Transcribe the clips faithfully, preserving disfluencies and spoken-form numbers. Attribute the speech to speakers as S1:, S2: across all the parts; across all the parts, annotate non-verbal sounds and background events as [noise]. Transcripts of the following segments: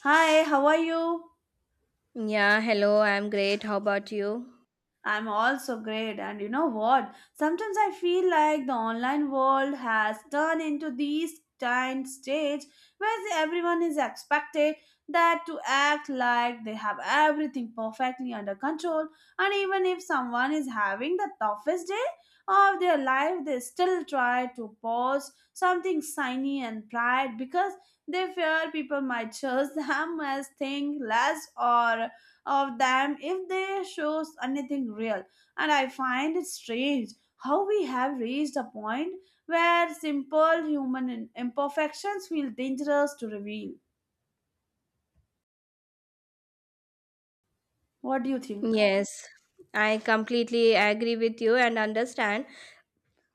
S1: Hi, how are you?
S2: Yeah, hello, I'm great. How about you?
S1: I'm also great, and you know what? Sometimes I feel like the online world has turned into this tiny stage where everyone is expected that to act like they have everything perfectly under control, and even if someone is having the toughest day of their life, they still try to post something shiny and bright because they fear people might judge [laughs] them as thing less or of them if they shows anything real, and I find it strange how we have reached a point where simple human imperfections feel dangerous to reveal. What do you think?
S2: Yes, I completely agree with you and understand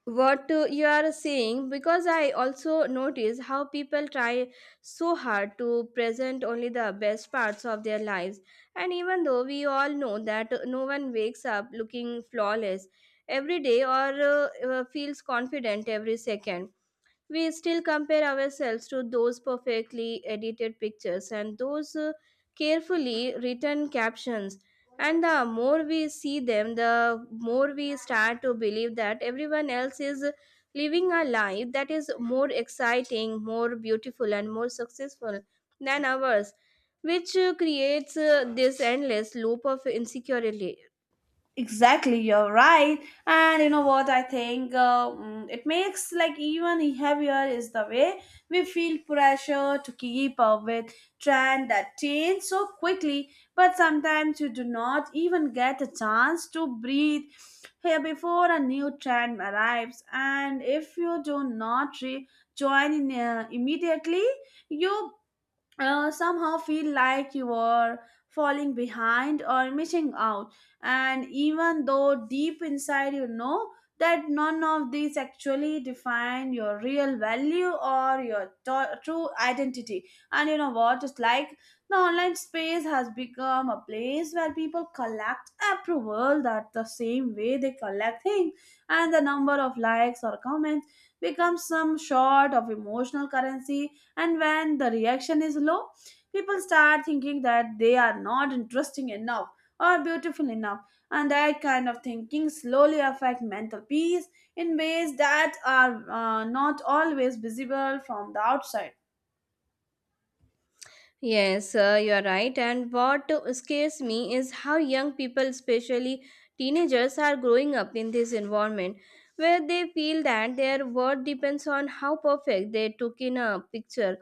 S2: what uh, you are saying because I also notice how people try so hard to present only the best parts of their lives. And even though we all know that no one wakes up looking flawless every day or uh, uh, feels confident every second, we still compare ourselves to those perfectly edited pictures and those uh, carefully written captions. And the more we see them, the more we start to believe that everyone else is living a life that is more exciting, more beautiful, and more successful than ours, which uh, creates uh, this endless loop of insecurity.
S1: Exactly, you're right. And you know what? I think uh, mm, it makes like even heavier is the way we feel pressure to keep up with trend that change so quickly. But sometimes you do not even get a chance to breathe here before a new trend arrives. And if you do not re- join in uh, immediately, you uh, somehow feel like you are falling behind or missing out. And even though deep inside you know that none of these actually define your real value or your to- true identity. And you know what? It's like the online space has become a place where people collect approval that the same way they collect things, and the number of likes or comments becomes some sort of emotional currency, and when the reaction is low, people start thinking that they are not interesting enough or beautiful enough, and that kind of thinking slowly affect mental peace in ways that are uh, not always visible from the outside.
S2: Yes, uh, you are right. And what scares me is how young people, especially teenagers, are growing up in this environment where they feel that their worth depends on how perfect they took in a picture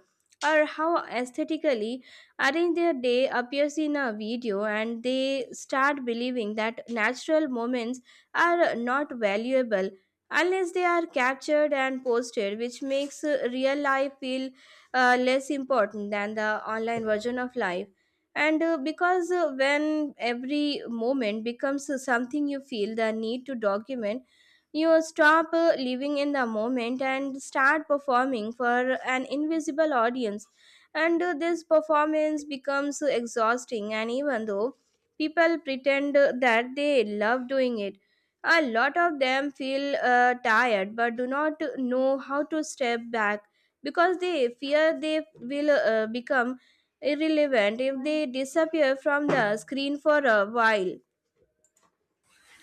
S2: or how aesthetically arranged their day appears in a video, and they start believing that natural moments are not valuable unless they are captured and posted, which makes uh, real life feel uh, less important than the online version of life. And uh, because uh, when every moment becomes uh, something you feel the need to document, you stop uh, living in the moment and start performing for an invisible audience. And uh, this performance becomes exhausting, and even though people pretend uh, that they love doing it, a lot of them feel uh, tired but do not know how to step back because they fear they will uh, become irrelevant if they disappear from the screen for a while.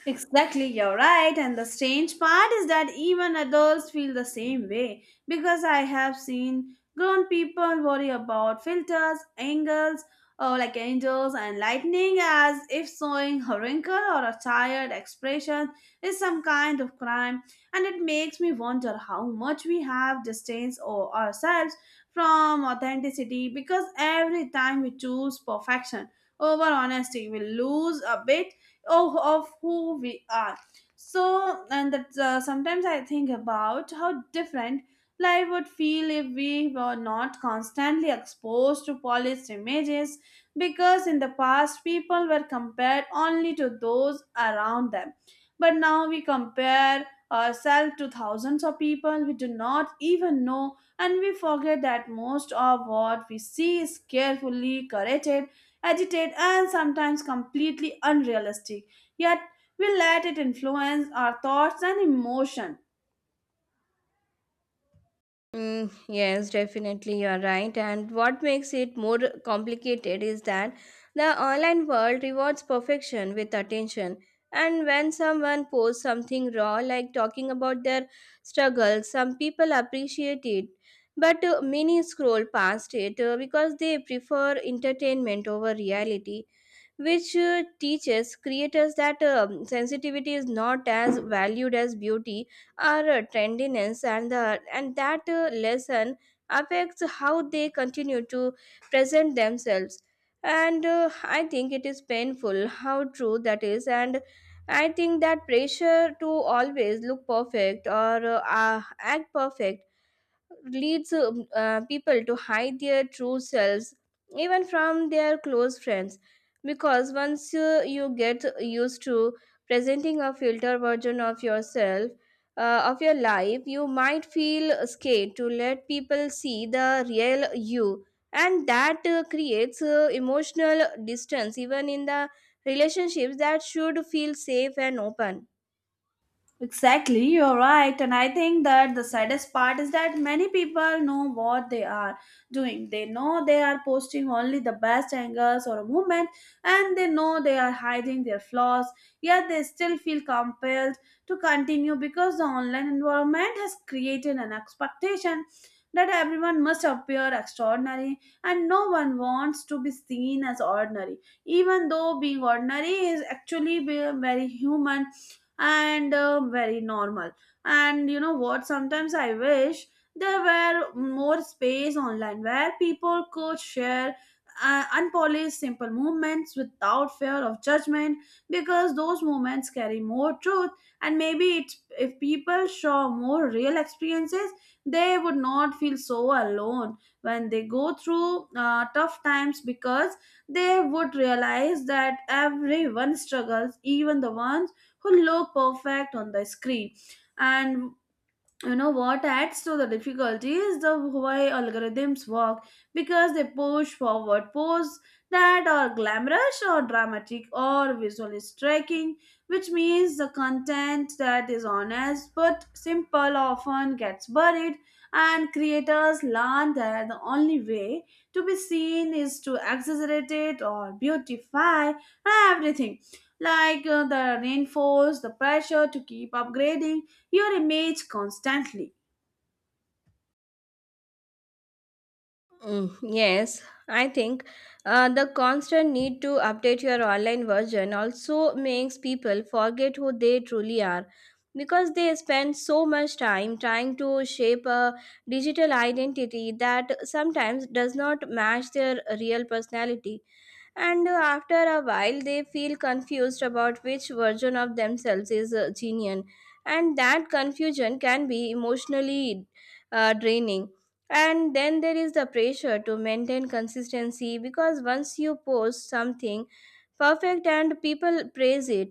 S1: Exactly, you're right. And the strange part is that even adults feel the same way, because I have seen grown people worry about filters, angles, or like angels and lightning as if showing a wrinkle or a tired expression is some kind of crime. And it makes me wonder how much we have distanced or ourselves from authenticity, because every time we choose perfection over honesty, we lose a bit oh, of who we are. So, and that uh, Sometimes I think about how different life would feel if we were not constantly exposed to polished images, because in the past people were compared only to those around them, but now we compare ourselves to thousands of people we do not even know, and we forget that most of what we see is carefully curated, agitated, and sometimes completely unrealistic. Yet we let it influence our thoughts and emotion.
S2: Mm, yes, definitely, you are right. And what makes it more complicated is that the online world rewards perfection with attention. And when someone posts something raw, like talking about their struggles, some people appreciate it. But uh, many scroll past it uh, because they prefer entertainment over reality, which uh, teaches creators that um, sensitivity is not as valued as beauty or uh, trendiness. And the and that uh, lesson affects how they continue to present themselves. And uh, I think it is painful how true that is. And I think that pressure to always look perfect or uh, act perfect leads um, uh, people to hide their true selves even from their close friends, because once uh, you get used to presenting a filter version of yourself, uh, of your life, you might feel scared to let people see the real you. And that uh, creates uh, emotional distance even in the relationships that should feel safe and open.
S1: Exactly, you're right. And I think that the saddest part is that many people know what they are doing. They know they are posting only the best angles or a movement, and they know they are hiding their flaws, yet they still feel compelled to continue because the online environment has created an expectation that everyone must appear extraordinary and no one wants to be seen as ordinary, even though being ordinary is actually being very human and uh, very normal. And you know what? Sometimes I wish there were more space online where people could share uh, unpolished simple moments without fear of judgment, because those moments carry more truth, and maybe it, if people saw more real experiences, they would not feel so alone when they go through uh, tough times, because they would realize that everyone struggles, even the ones who look perfect on the screen. And you know what adds to the difficulty is the way algorithms work, because they push forward posts that are glamorous or dramatic or visually striking, which means the content that is honest but simple often gets buried, and creators learn that the only way to be seen is to exaggerate it or beautify everything, like uh, the reinforce the pressure to keep upgrading your image constantly.
S2: Mm, yes, I think uh, the constant need to update your online version also makes people forget who they truly are because they spend so much time trying to shape a digital identity that sometimes does not match their real personality. And uh, after a while they feel confused about which version of themselves is uh, genuine, and that confusion can be emotionally uh, draining. And then there is the pressure to maintain consistency, because once you post something perfect and people praise it,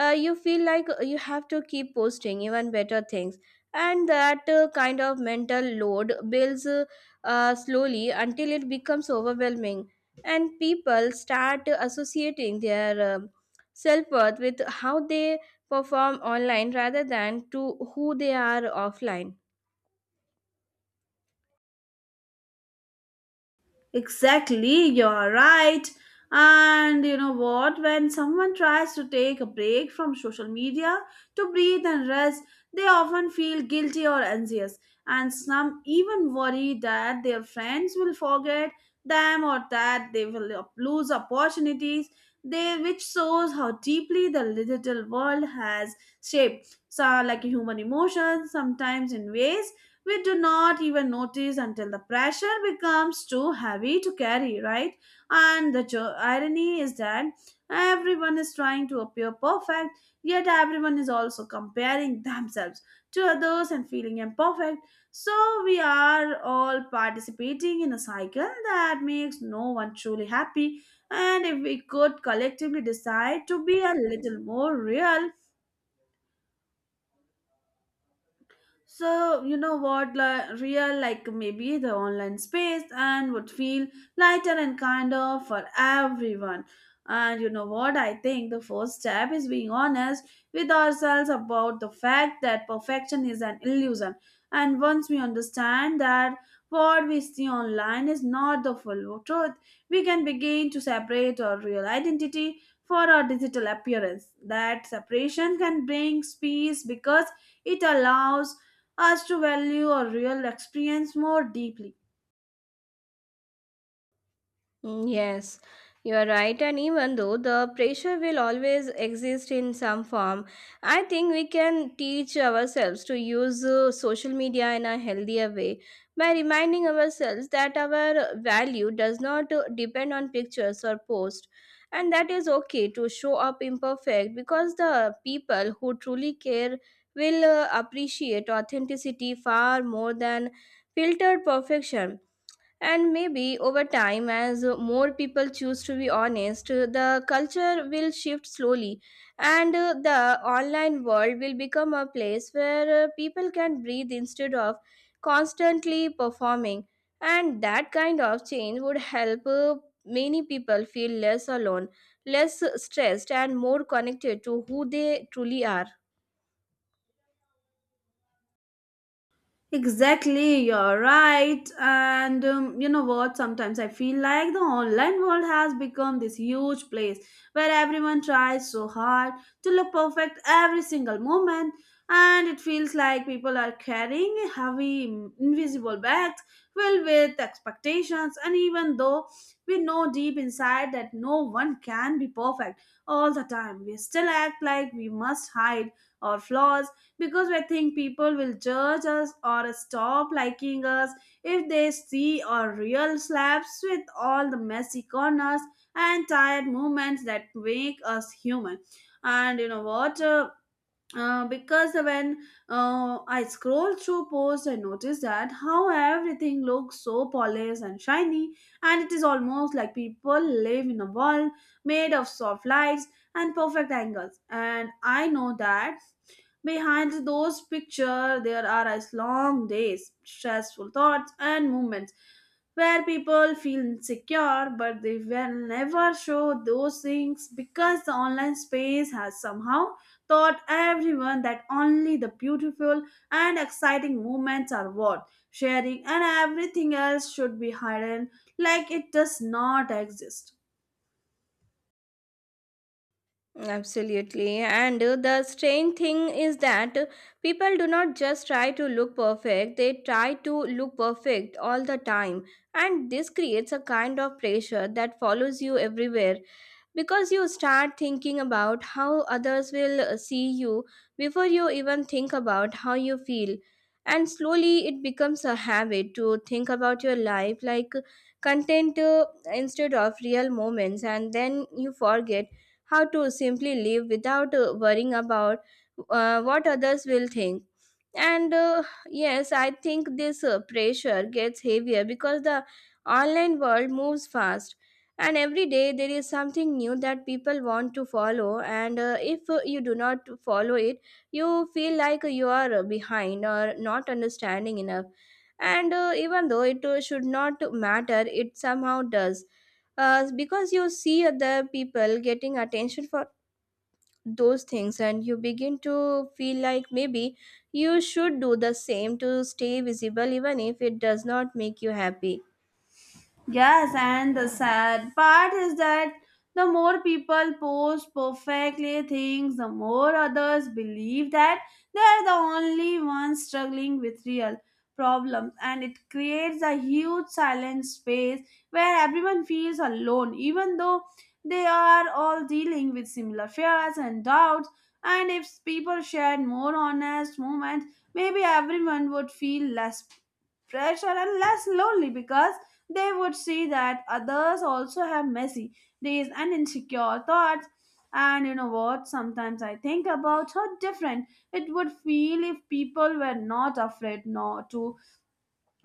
S2: uh, you feel like uh, you have to keep posting even better things. And that uh, kind of mental load builds uh, uh, slowly until it becomes overwhelming, and people start associating their um self-worth with how they perform online rather than to who they are offline.
S1: Exactly, you're right. And you know what? When someone tries to take a break from social media to breathe and rest, they often feel guilty or anxious, and some even worry that their friends will forget them or that they will lose opportunities. They, which shows how deeply the digital world has shaped, so like human emotions, sometimes in ways we do not even notice until the pressure becomes too heavy to carry, right? And the jo- irony is that everyone is trying to appear perfect, yet everyone is also comparing themselves to others and feeling imperfect. So we are all participating in a cycle that makes no one truly happy. And if we could collectively decide to be a little more real, so you know what, like real like maybe the online space and would feel lighter and kinder for everyone. And you know what, I think the first step is being honest with ourselves about the fact that perfection is an illusion. And once we understand that what we see online is not the full truth, we can begin to separate our real identity for our digital appearance. That separation can bring peace because it allows us to value our real experience more deeply.
S2: Mm, Yes, you are right. And even though the pressure will always exist in some form, I think we can teach ourselves to use uh, social media in a healthier way by reminding ourselves that our value does not uh, depend on pictures or posts. And that is okay to show up imperfect, because the people who truly care will uh, appreciate authenticity far more than filtered perfection. And maybe over time, as more people choose to be honest, the culture will shift slowly, and uh, the online world will become a place where uh, people can breathe instead of constantly performing. And that kind of change would help uh, many people feel less alone, less stressed, and more connected to who they truly are.
S1: Exactly, you're right. And um, you know what? Sometimes I feel like the online world has become this huge place where everyone tries so hard to look perfect every single moment. And it feels like people are carrying heavy, mm, invisible bags filled with expectations. And even though we know deep inside that no one can be perfect all the time, we still act like we must hide our flaws because we think people will judge us or stop liking us if they see our real slaps with all the messy corners and tired movements that make us human. And you know what? Uh, uh, because when uh, I scroll through posts, I notice that how everything looks so polished and shiny, and it is almost like people live in a world made of soft lights and perfect angles. And I know that behind those pictures, there are as long days, stressful thoughts, and moments where people feel insecure, but they will never show those things because the online space has somehow taught everyone that only the beautiful and exciting moments are worth sharing, and everything else should be hidden like it does not exist.
S2: Absolutely. And uh, the strange thing is that uh, people do not just try to look perfect, they try to look perfect all the time. And this creates a kind of pressure that follows you everywhere because you start thinking about how others will uh, see you before you even think about how you feel. And slowly it becomes a habit to think about your life like content, uh, instead of real moments, and then you forget how to simply live without uh, worrying about uh, what others will think. And uh, yes, I think this uh, pressure gets heavier because the online world moves fast, and every day there is something new that people want to follow. And uh, if uh, you do not follow it, you feel like you are uh, behind or not understanding enough. And uh, even though it uh, should not matter, it somehow does, uh, because you see other people getting attention for those things, and you begin to feel like maybe you should do the same to stay visible even if it does not make you happy.
S1: Yes, and the sad part is that the more people post perfectly things, the more others believe that they are the only ones struggling with real problems, and it creates a huge silent space where everyone feels alone, even though they are all dealing with similar fears and doubts. And if people shared more honest moments, maybe everyone would feel less pressure and less lonely, because they would see that others also have messy days and insecure thoughts. And you know what? Sometimes I think about how different it would feel if people were not afraid not to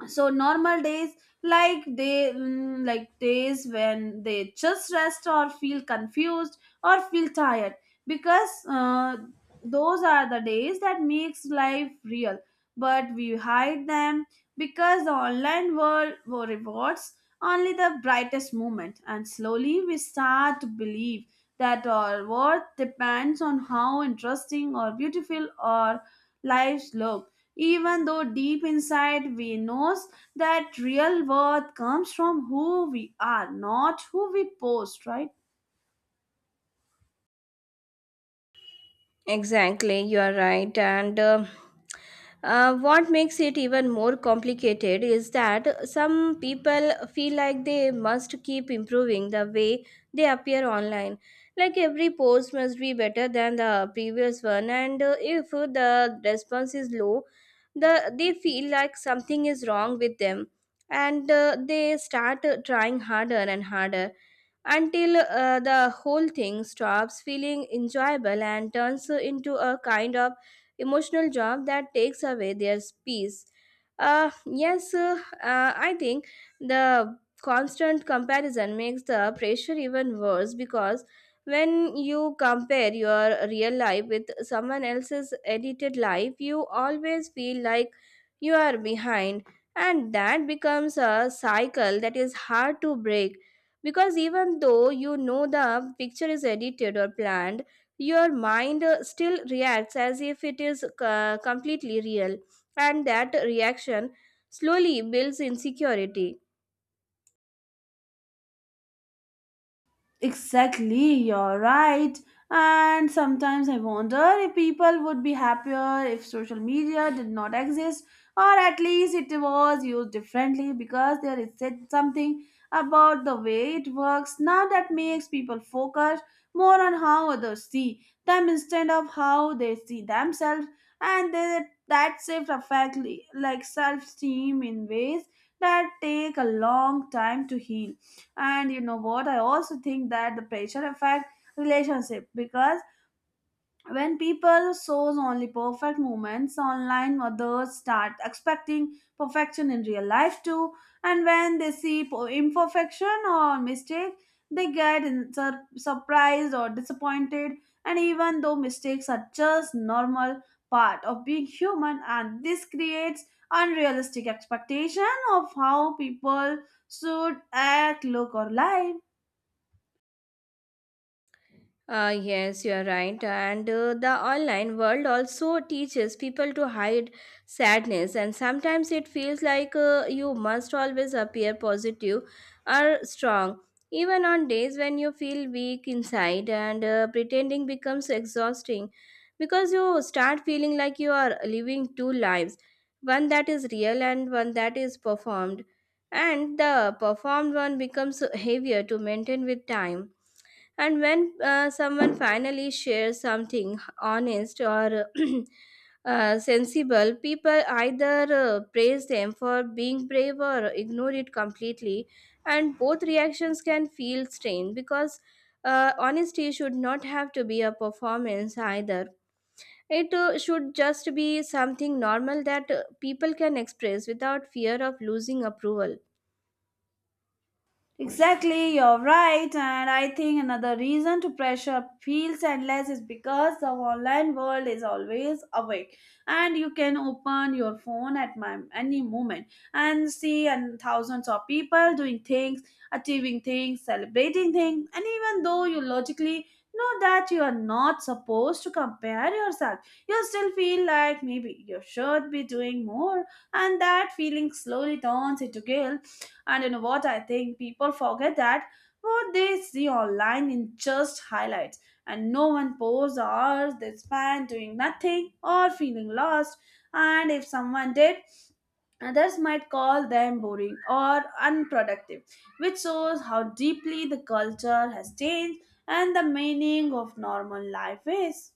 S1: so normal days, like they mm, like days when they just rest or feel confused or feel tired, because uh, those are the days that makes life real, but we hide them because the online world rewards only the brightest moment, and slowly we start to believe that our worth depends on how interesting or beautiful or lives look, even though deep inside we knows that real worth comes from who we are, not who we post, right?
S2: Exactly, you are right. And uh, uh, what makes it even more complicated is that some people feel like they must keep improving the way they appear online. Like every post must be better than the previous one, and uh, if the response is low, the they feel like something is wrong with them, and uh, they start uh, trying harder and harder until uh, the whole thing stops feeling enjoyable and turns into a kind of emotional job that takes away their peace. Uh, yes, uh, uh, I think the constant comparison makes the pressure even worse, because when you compare your real life with someone else's edited life, you always feel like you are behind, and that becomes a cycle that is hard to break, because even though you know the picture is edited or planned, your mind uh, still reacts as if it is uh, completely real, and that reaction slowly builds insecurity.
S1: Exactly, you're right. And sometimes I wonder if people would be happier if social media did not exist, or at least it was used differently, because there is said something about the way it works now that makes people focus more on how others see them instead of how they see themselves, and that that shift affects li- like self-esteem in ways that take a long time to heal. And you know what? I also think that the pressure effect relationship, because when people shows only perfect moments online, others start expecting perfection in real life too, and when they see po- imperfection or mistake, they get in- sur- surprised or disappointed, and even though mistakes are just normal part of being human, and this creates unrealistic expectation of how people should act look or live.
S2: Uh, yes, you are right. And uh, the online world also teaches people to hide sadness, and sometimes it feels like uh, you must always appear positive or strong, even on days when you feel weak inside. And uh, pretending becomes exhausting because you start feeling like you are living two lives, one that is real and one that is performed, and the performed one becomes heavier to maintain with time. And when uh, someone finally shares something honest or [clears throat] uh, sensible, people either uh, praise them for being brave or ignore it completely. And both reactions can feel strange because uh, honesty should not have to be a performance either. It uh, should just be something normal that uh, people can express without fear of losing approval.
S1: Exactly, you're right, and I think another reason to pressure feels endless is because the online world is always awake, and you can open your phone at my, any moment and see and thousands of people doing things, achieving things, celebrating things, and even though you logically know that you are not supposed to compare yourself, you still feel like maybe you should be doing more, and that feeling slowly turns into guilt. And you know what? I think people forget that what they see online in just highlights, and no one posts the hours they spend doing nothing or feeling lost. And if someone did, others might call them boring or unproductive, which shows how deeply the culture has changed and the meaning of normal life is.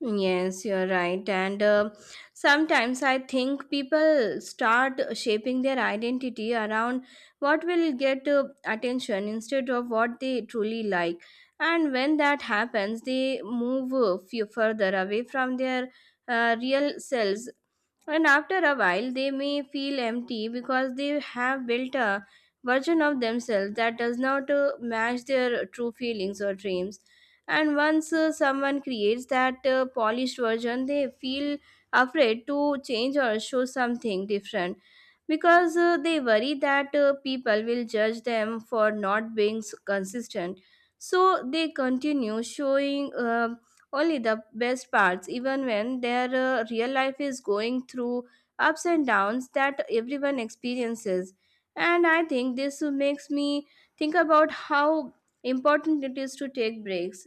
S2: Yes, you're right. And uh, sometimes I think people start shaping their identity around what will get uh, attention instead of what they truly like. And when that happens, they move uh, few further away from their uh, real selves. And after a while, they may feel empty because they have built a version of themselves that does not uh, match their true feelings or dreams. And once uh, someone creates that uh, polished version, they feel afraid to change or show something different because uh, they worry that uh, people will judge them for not being s- consistent. So they continue showing uh, only the best parts, even when their uh, real life is going through ups and downs that everyone experiences. And I think this makes me think about how important it is to take breaks.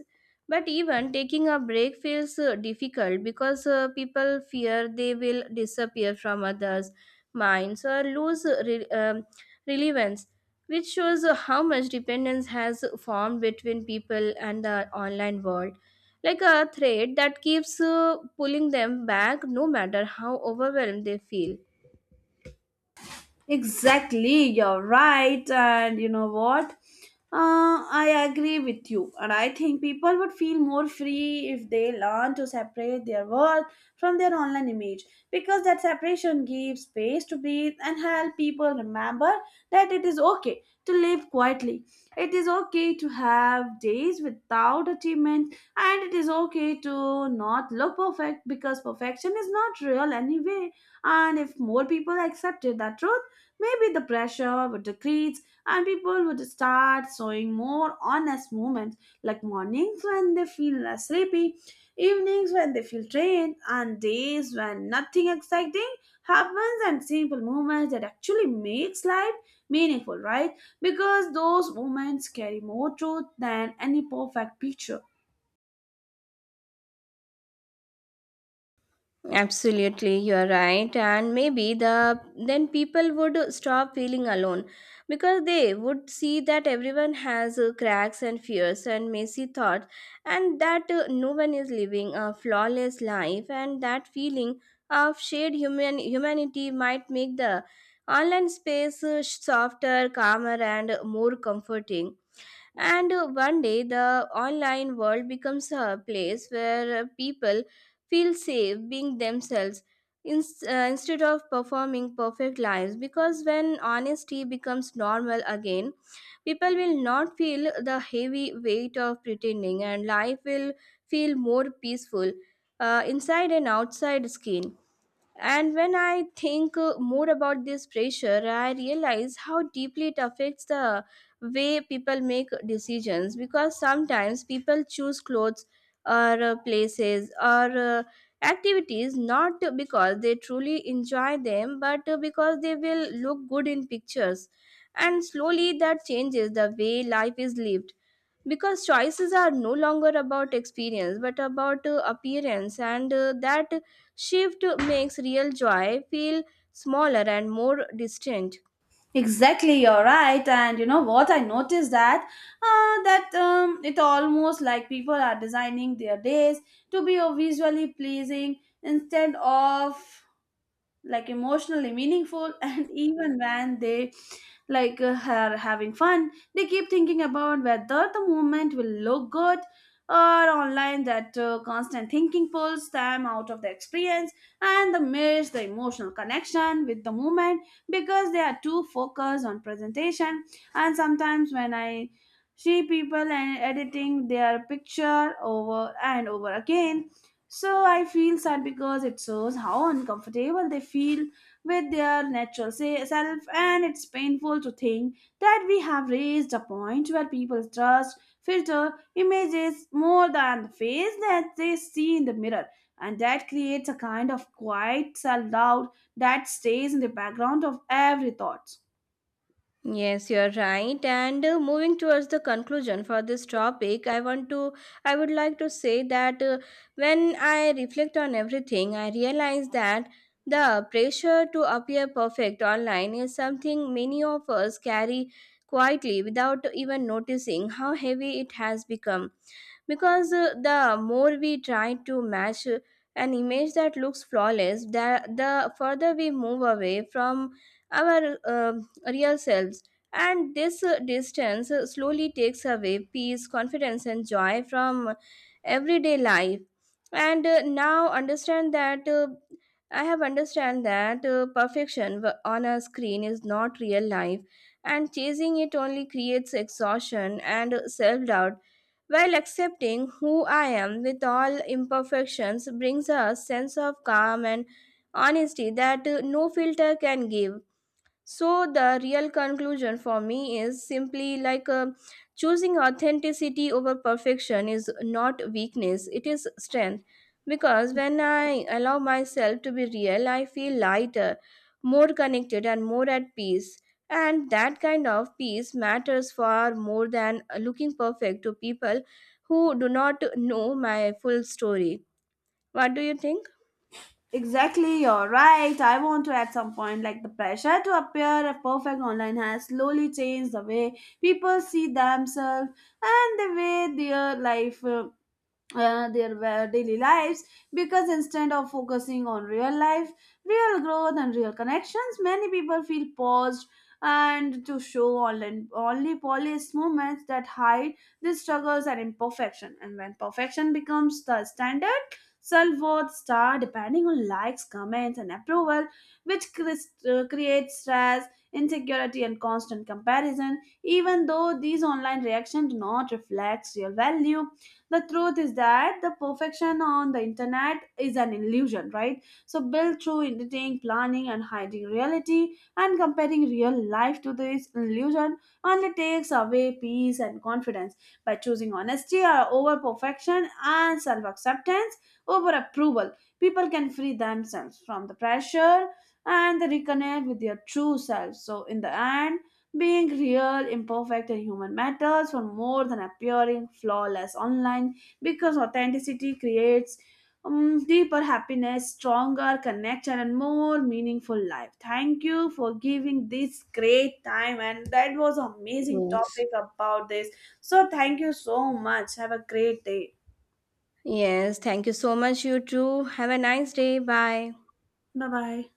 S2: But even taking a break feels uh, difficult because uh, people fear they will disappear from others' minds or lose re- um, relevance, which shows how much dependence has formed between people and the online world, like a thread that keeps uh, pulling them back no matter how overwhelmed they feel.
S1: Exactly, you're right. And you know what? Uh, I agree with you. And I think people would feel more free if they learn to separate their work from their online image, because that separation gives space to breathe and help people remember that it is okay to live quietly. It is okay to have days without achievement, and it is okay to not look perfect because perfection is not real anyway. And if more people accepted that truth, maybe the pressure would decrease and people would start showing more honest moments, like mornings when they feel less sleepy, evenings when they feel drained, and days when nothing exciting happens, and simple moments that actually makes life meaningful, right? Because those moments carry more truth than any perfect picture.
S2: Absolutely, you are right. And maybe the then people would stop feeling alone, because they would see that everyone has uh, cracks and fears and messy thoughts, and that uh, no one is living a flawless life. And that feeling of shared human humanity might make the online space uh, softer, calmer, and more comforting. And uh, one day, the online world becomes a place where uh, people feel safe being themselves, in, uh, instead of performing perfect lives. Because when honesty becomes normal again, people will not feel the heavy weight of pretending, and life will feel more peaceful, uh, inside and outside skin. And when I think uh, more about this pressure, I realize how deeply it affects the way people make decisions, because sometimes people choose clothes or uh, places or uh, activities not because they truly enjoy them but uh, because they will look good in pictures. And slowly that changes the way life is lived, because choices are no longer about experience but about uh, appearance. And uh, that shift makes real joy feel smaller and more distant.
S1: Exactly, you're right. And you know what? I noticed that uh, that um, it almost like people are designing their days to be uh, visually pleasing instead of like emotionally meaningful [laughs] and even when they like uh, are having fun, they keep thinking about whether the movement will look good or online, that uh, constant thinking pulls them out of the experience, and they miss the emotional connection with the movement because they are too focused on presentation. And sometimes when I see people and editing their picture over and over again, so I feel sad because it shows how uncomfortable they feel with their natural se- self, and it's painful to think that we have reached a point where people trust, filter images more than the face that they see in the mirror, and that creates a kind of quiet self doubt that stays in the background of every thought.
S2: Yes, you're right. And uh, moving towards the conclusion for this topic, i want to I would like to say that uh, when I reflect on everything, I realize that the pressure to appear perfect online is something many of us carry quietly without even noticing how heavy it has become. Because uh, the more we try to match uh, an image that looks flawless, the, the further we move away from our uh, real selves. And this uh, distance uh, slowly takes away peace, confidence, and joy from everyday life. And uh, now understand that uh, I have understand that uh, perfection w- on a screen is not real life, and chasing it only creates exhaustion and self doubt, while accepting who I am with all imperfections brings a sense of calm and honesty that uh, no filter can give. So the real conclusion for me is simply like, uh, choosing authenticity over perfection is not weakness, it is strength. Because when I allow myself to be real, I feel lighter, more connected, and more at peace. And that kind of peace matters far more than looking perfect to people who do not know my full story. What do you think?
S1: Exactly, you're right. I want to add some point like the pressure to appear a perfect online has slowly changed the way people see themselves and the way their life uh, uh, their wa- daily lives, because instead of focusing on real life, real growth, and real connections, many people feel paused and to show online, only polished moments that hide the struggles and imperfection. And when perfection becomes the standard, self worth start depending on likes, comments, and approval, which cris- uh, creates stress, insecurity, and constant comparison. Even though these online reactions do not reflect real value, the truth is that the perfection on the internet is an illusion, right? So built through editing planning and hiding reality, and comparing real life to this illusion only takes away peace and confidence. By choosing honesty uh, over perfection, and self-acceptance over approval, people can free themselves from the pressure and they reconnect with their true selves. So in the end, being real, imperfect, and human matters for more than appearing flawless online, because authenticity creates um, deeper happiness, stronger connection, and more meaningful life. Thank you for giving this great time, and that was amazing
S2: Yes.
S1: topic about this. So, thank you so much. Have a great day.
S2: Yes. Thank you so much, you too. Have a nice day. Bye.
S1: Bye bye.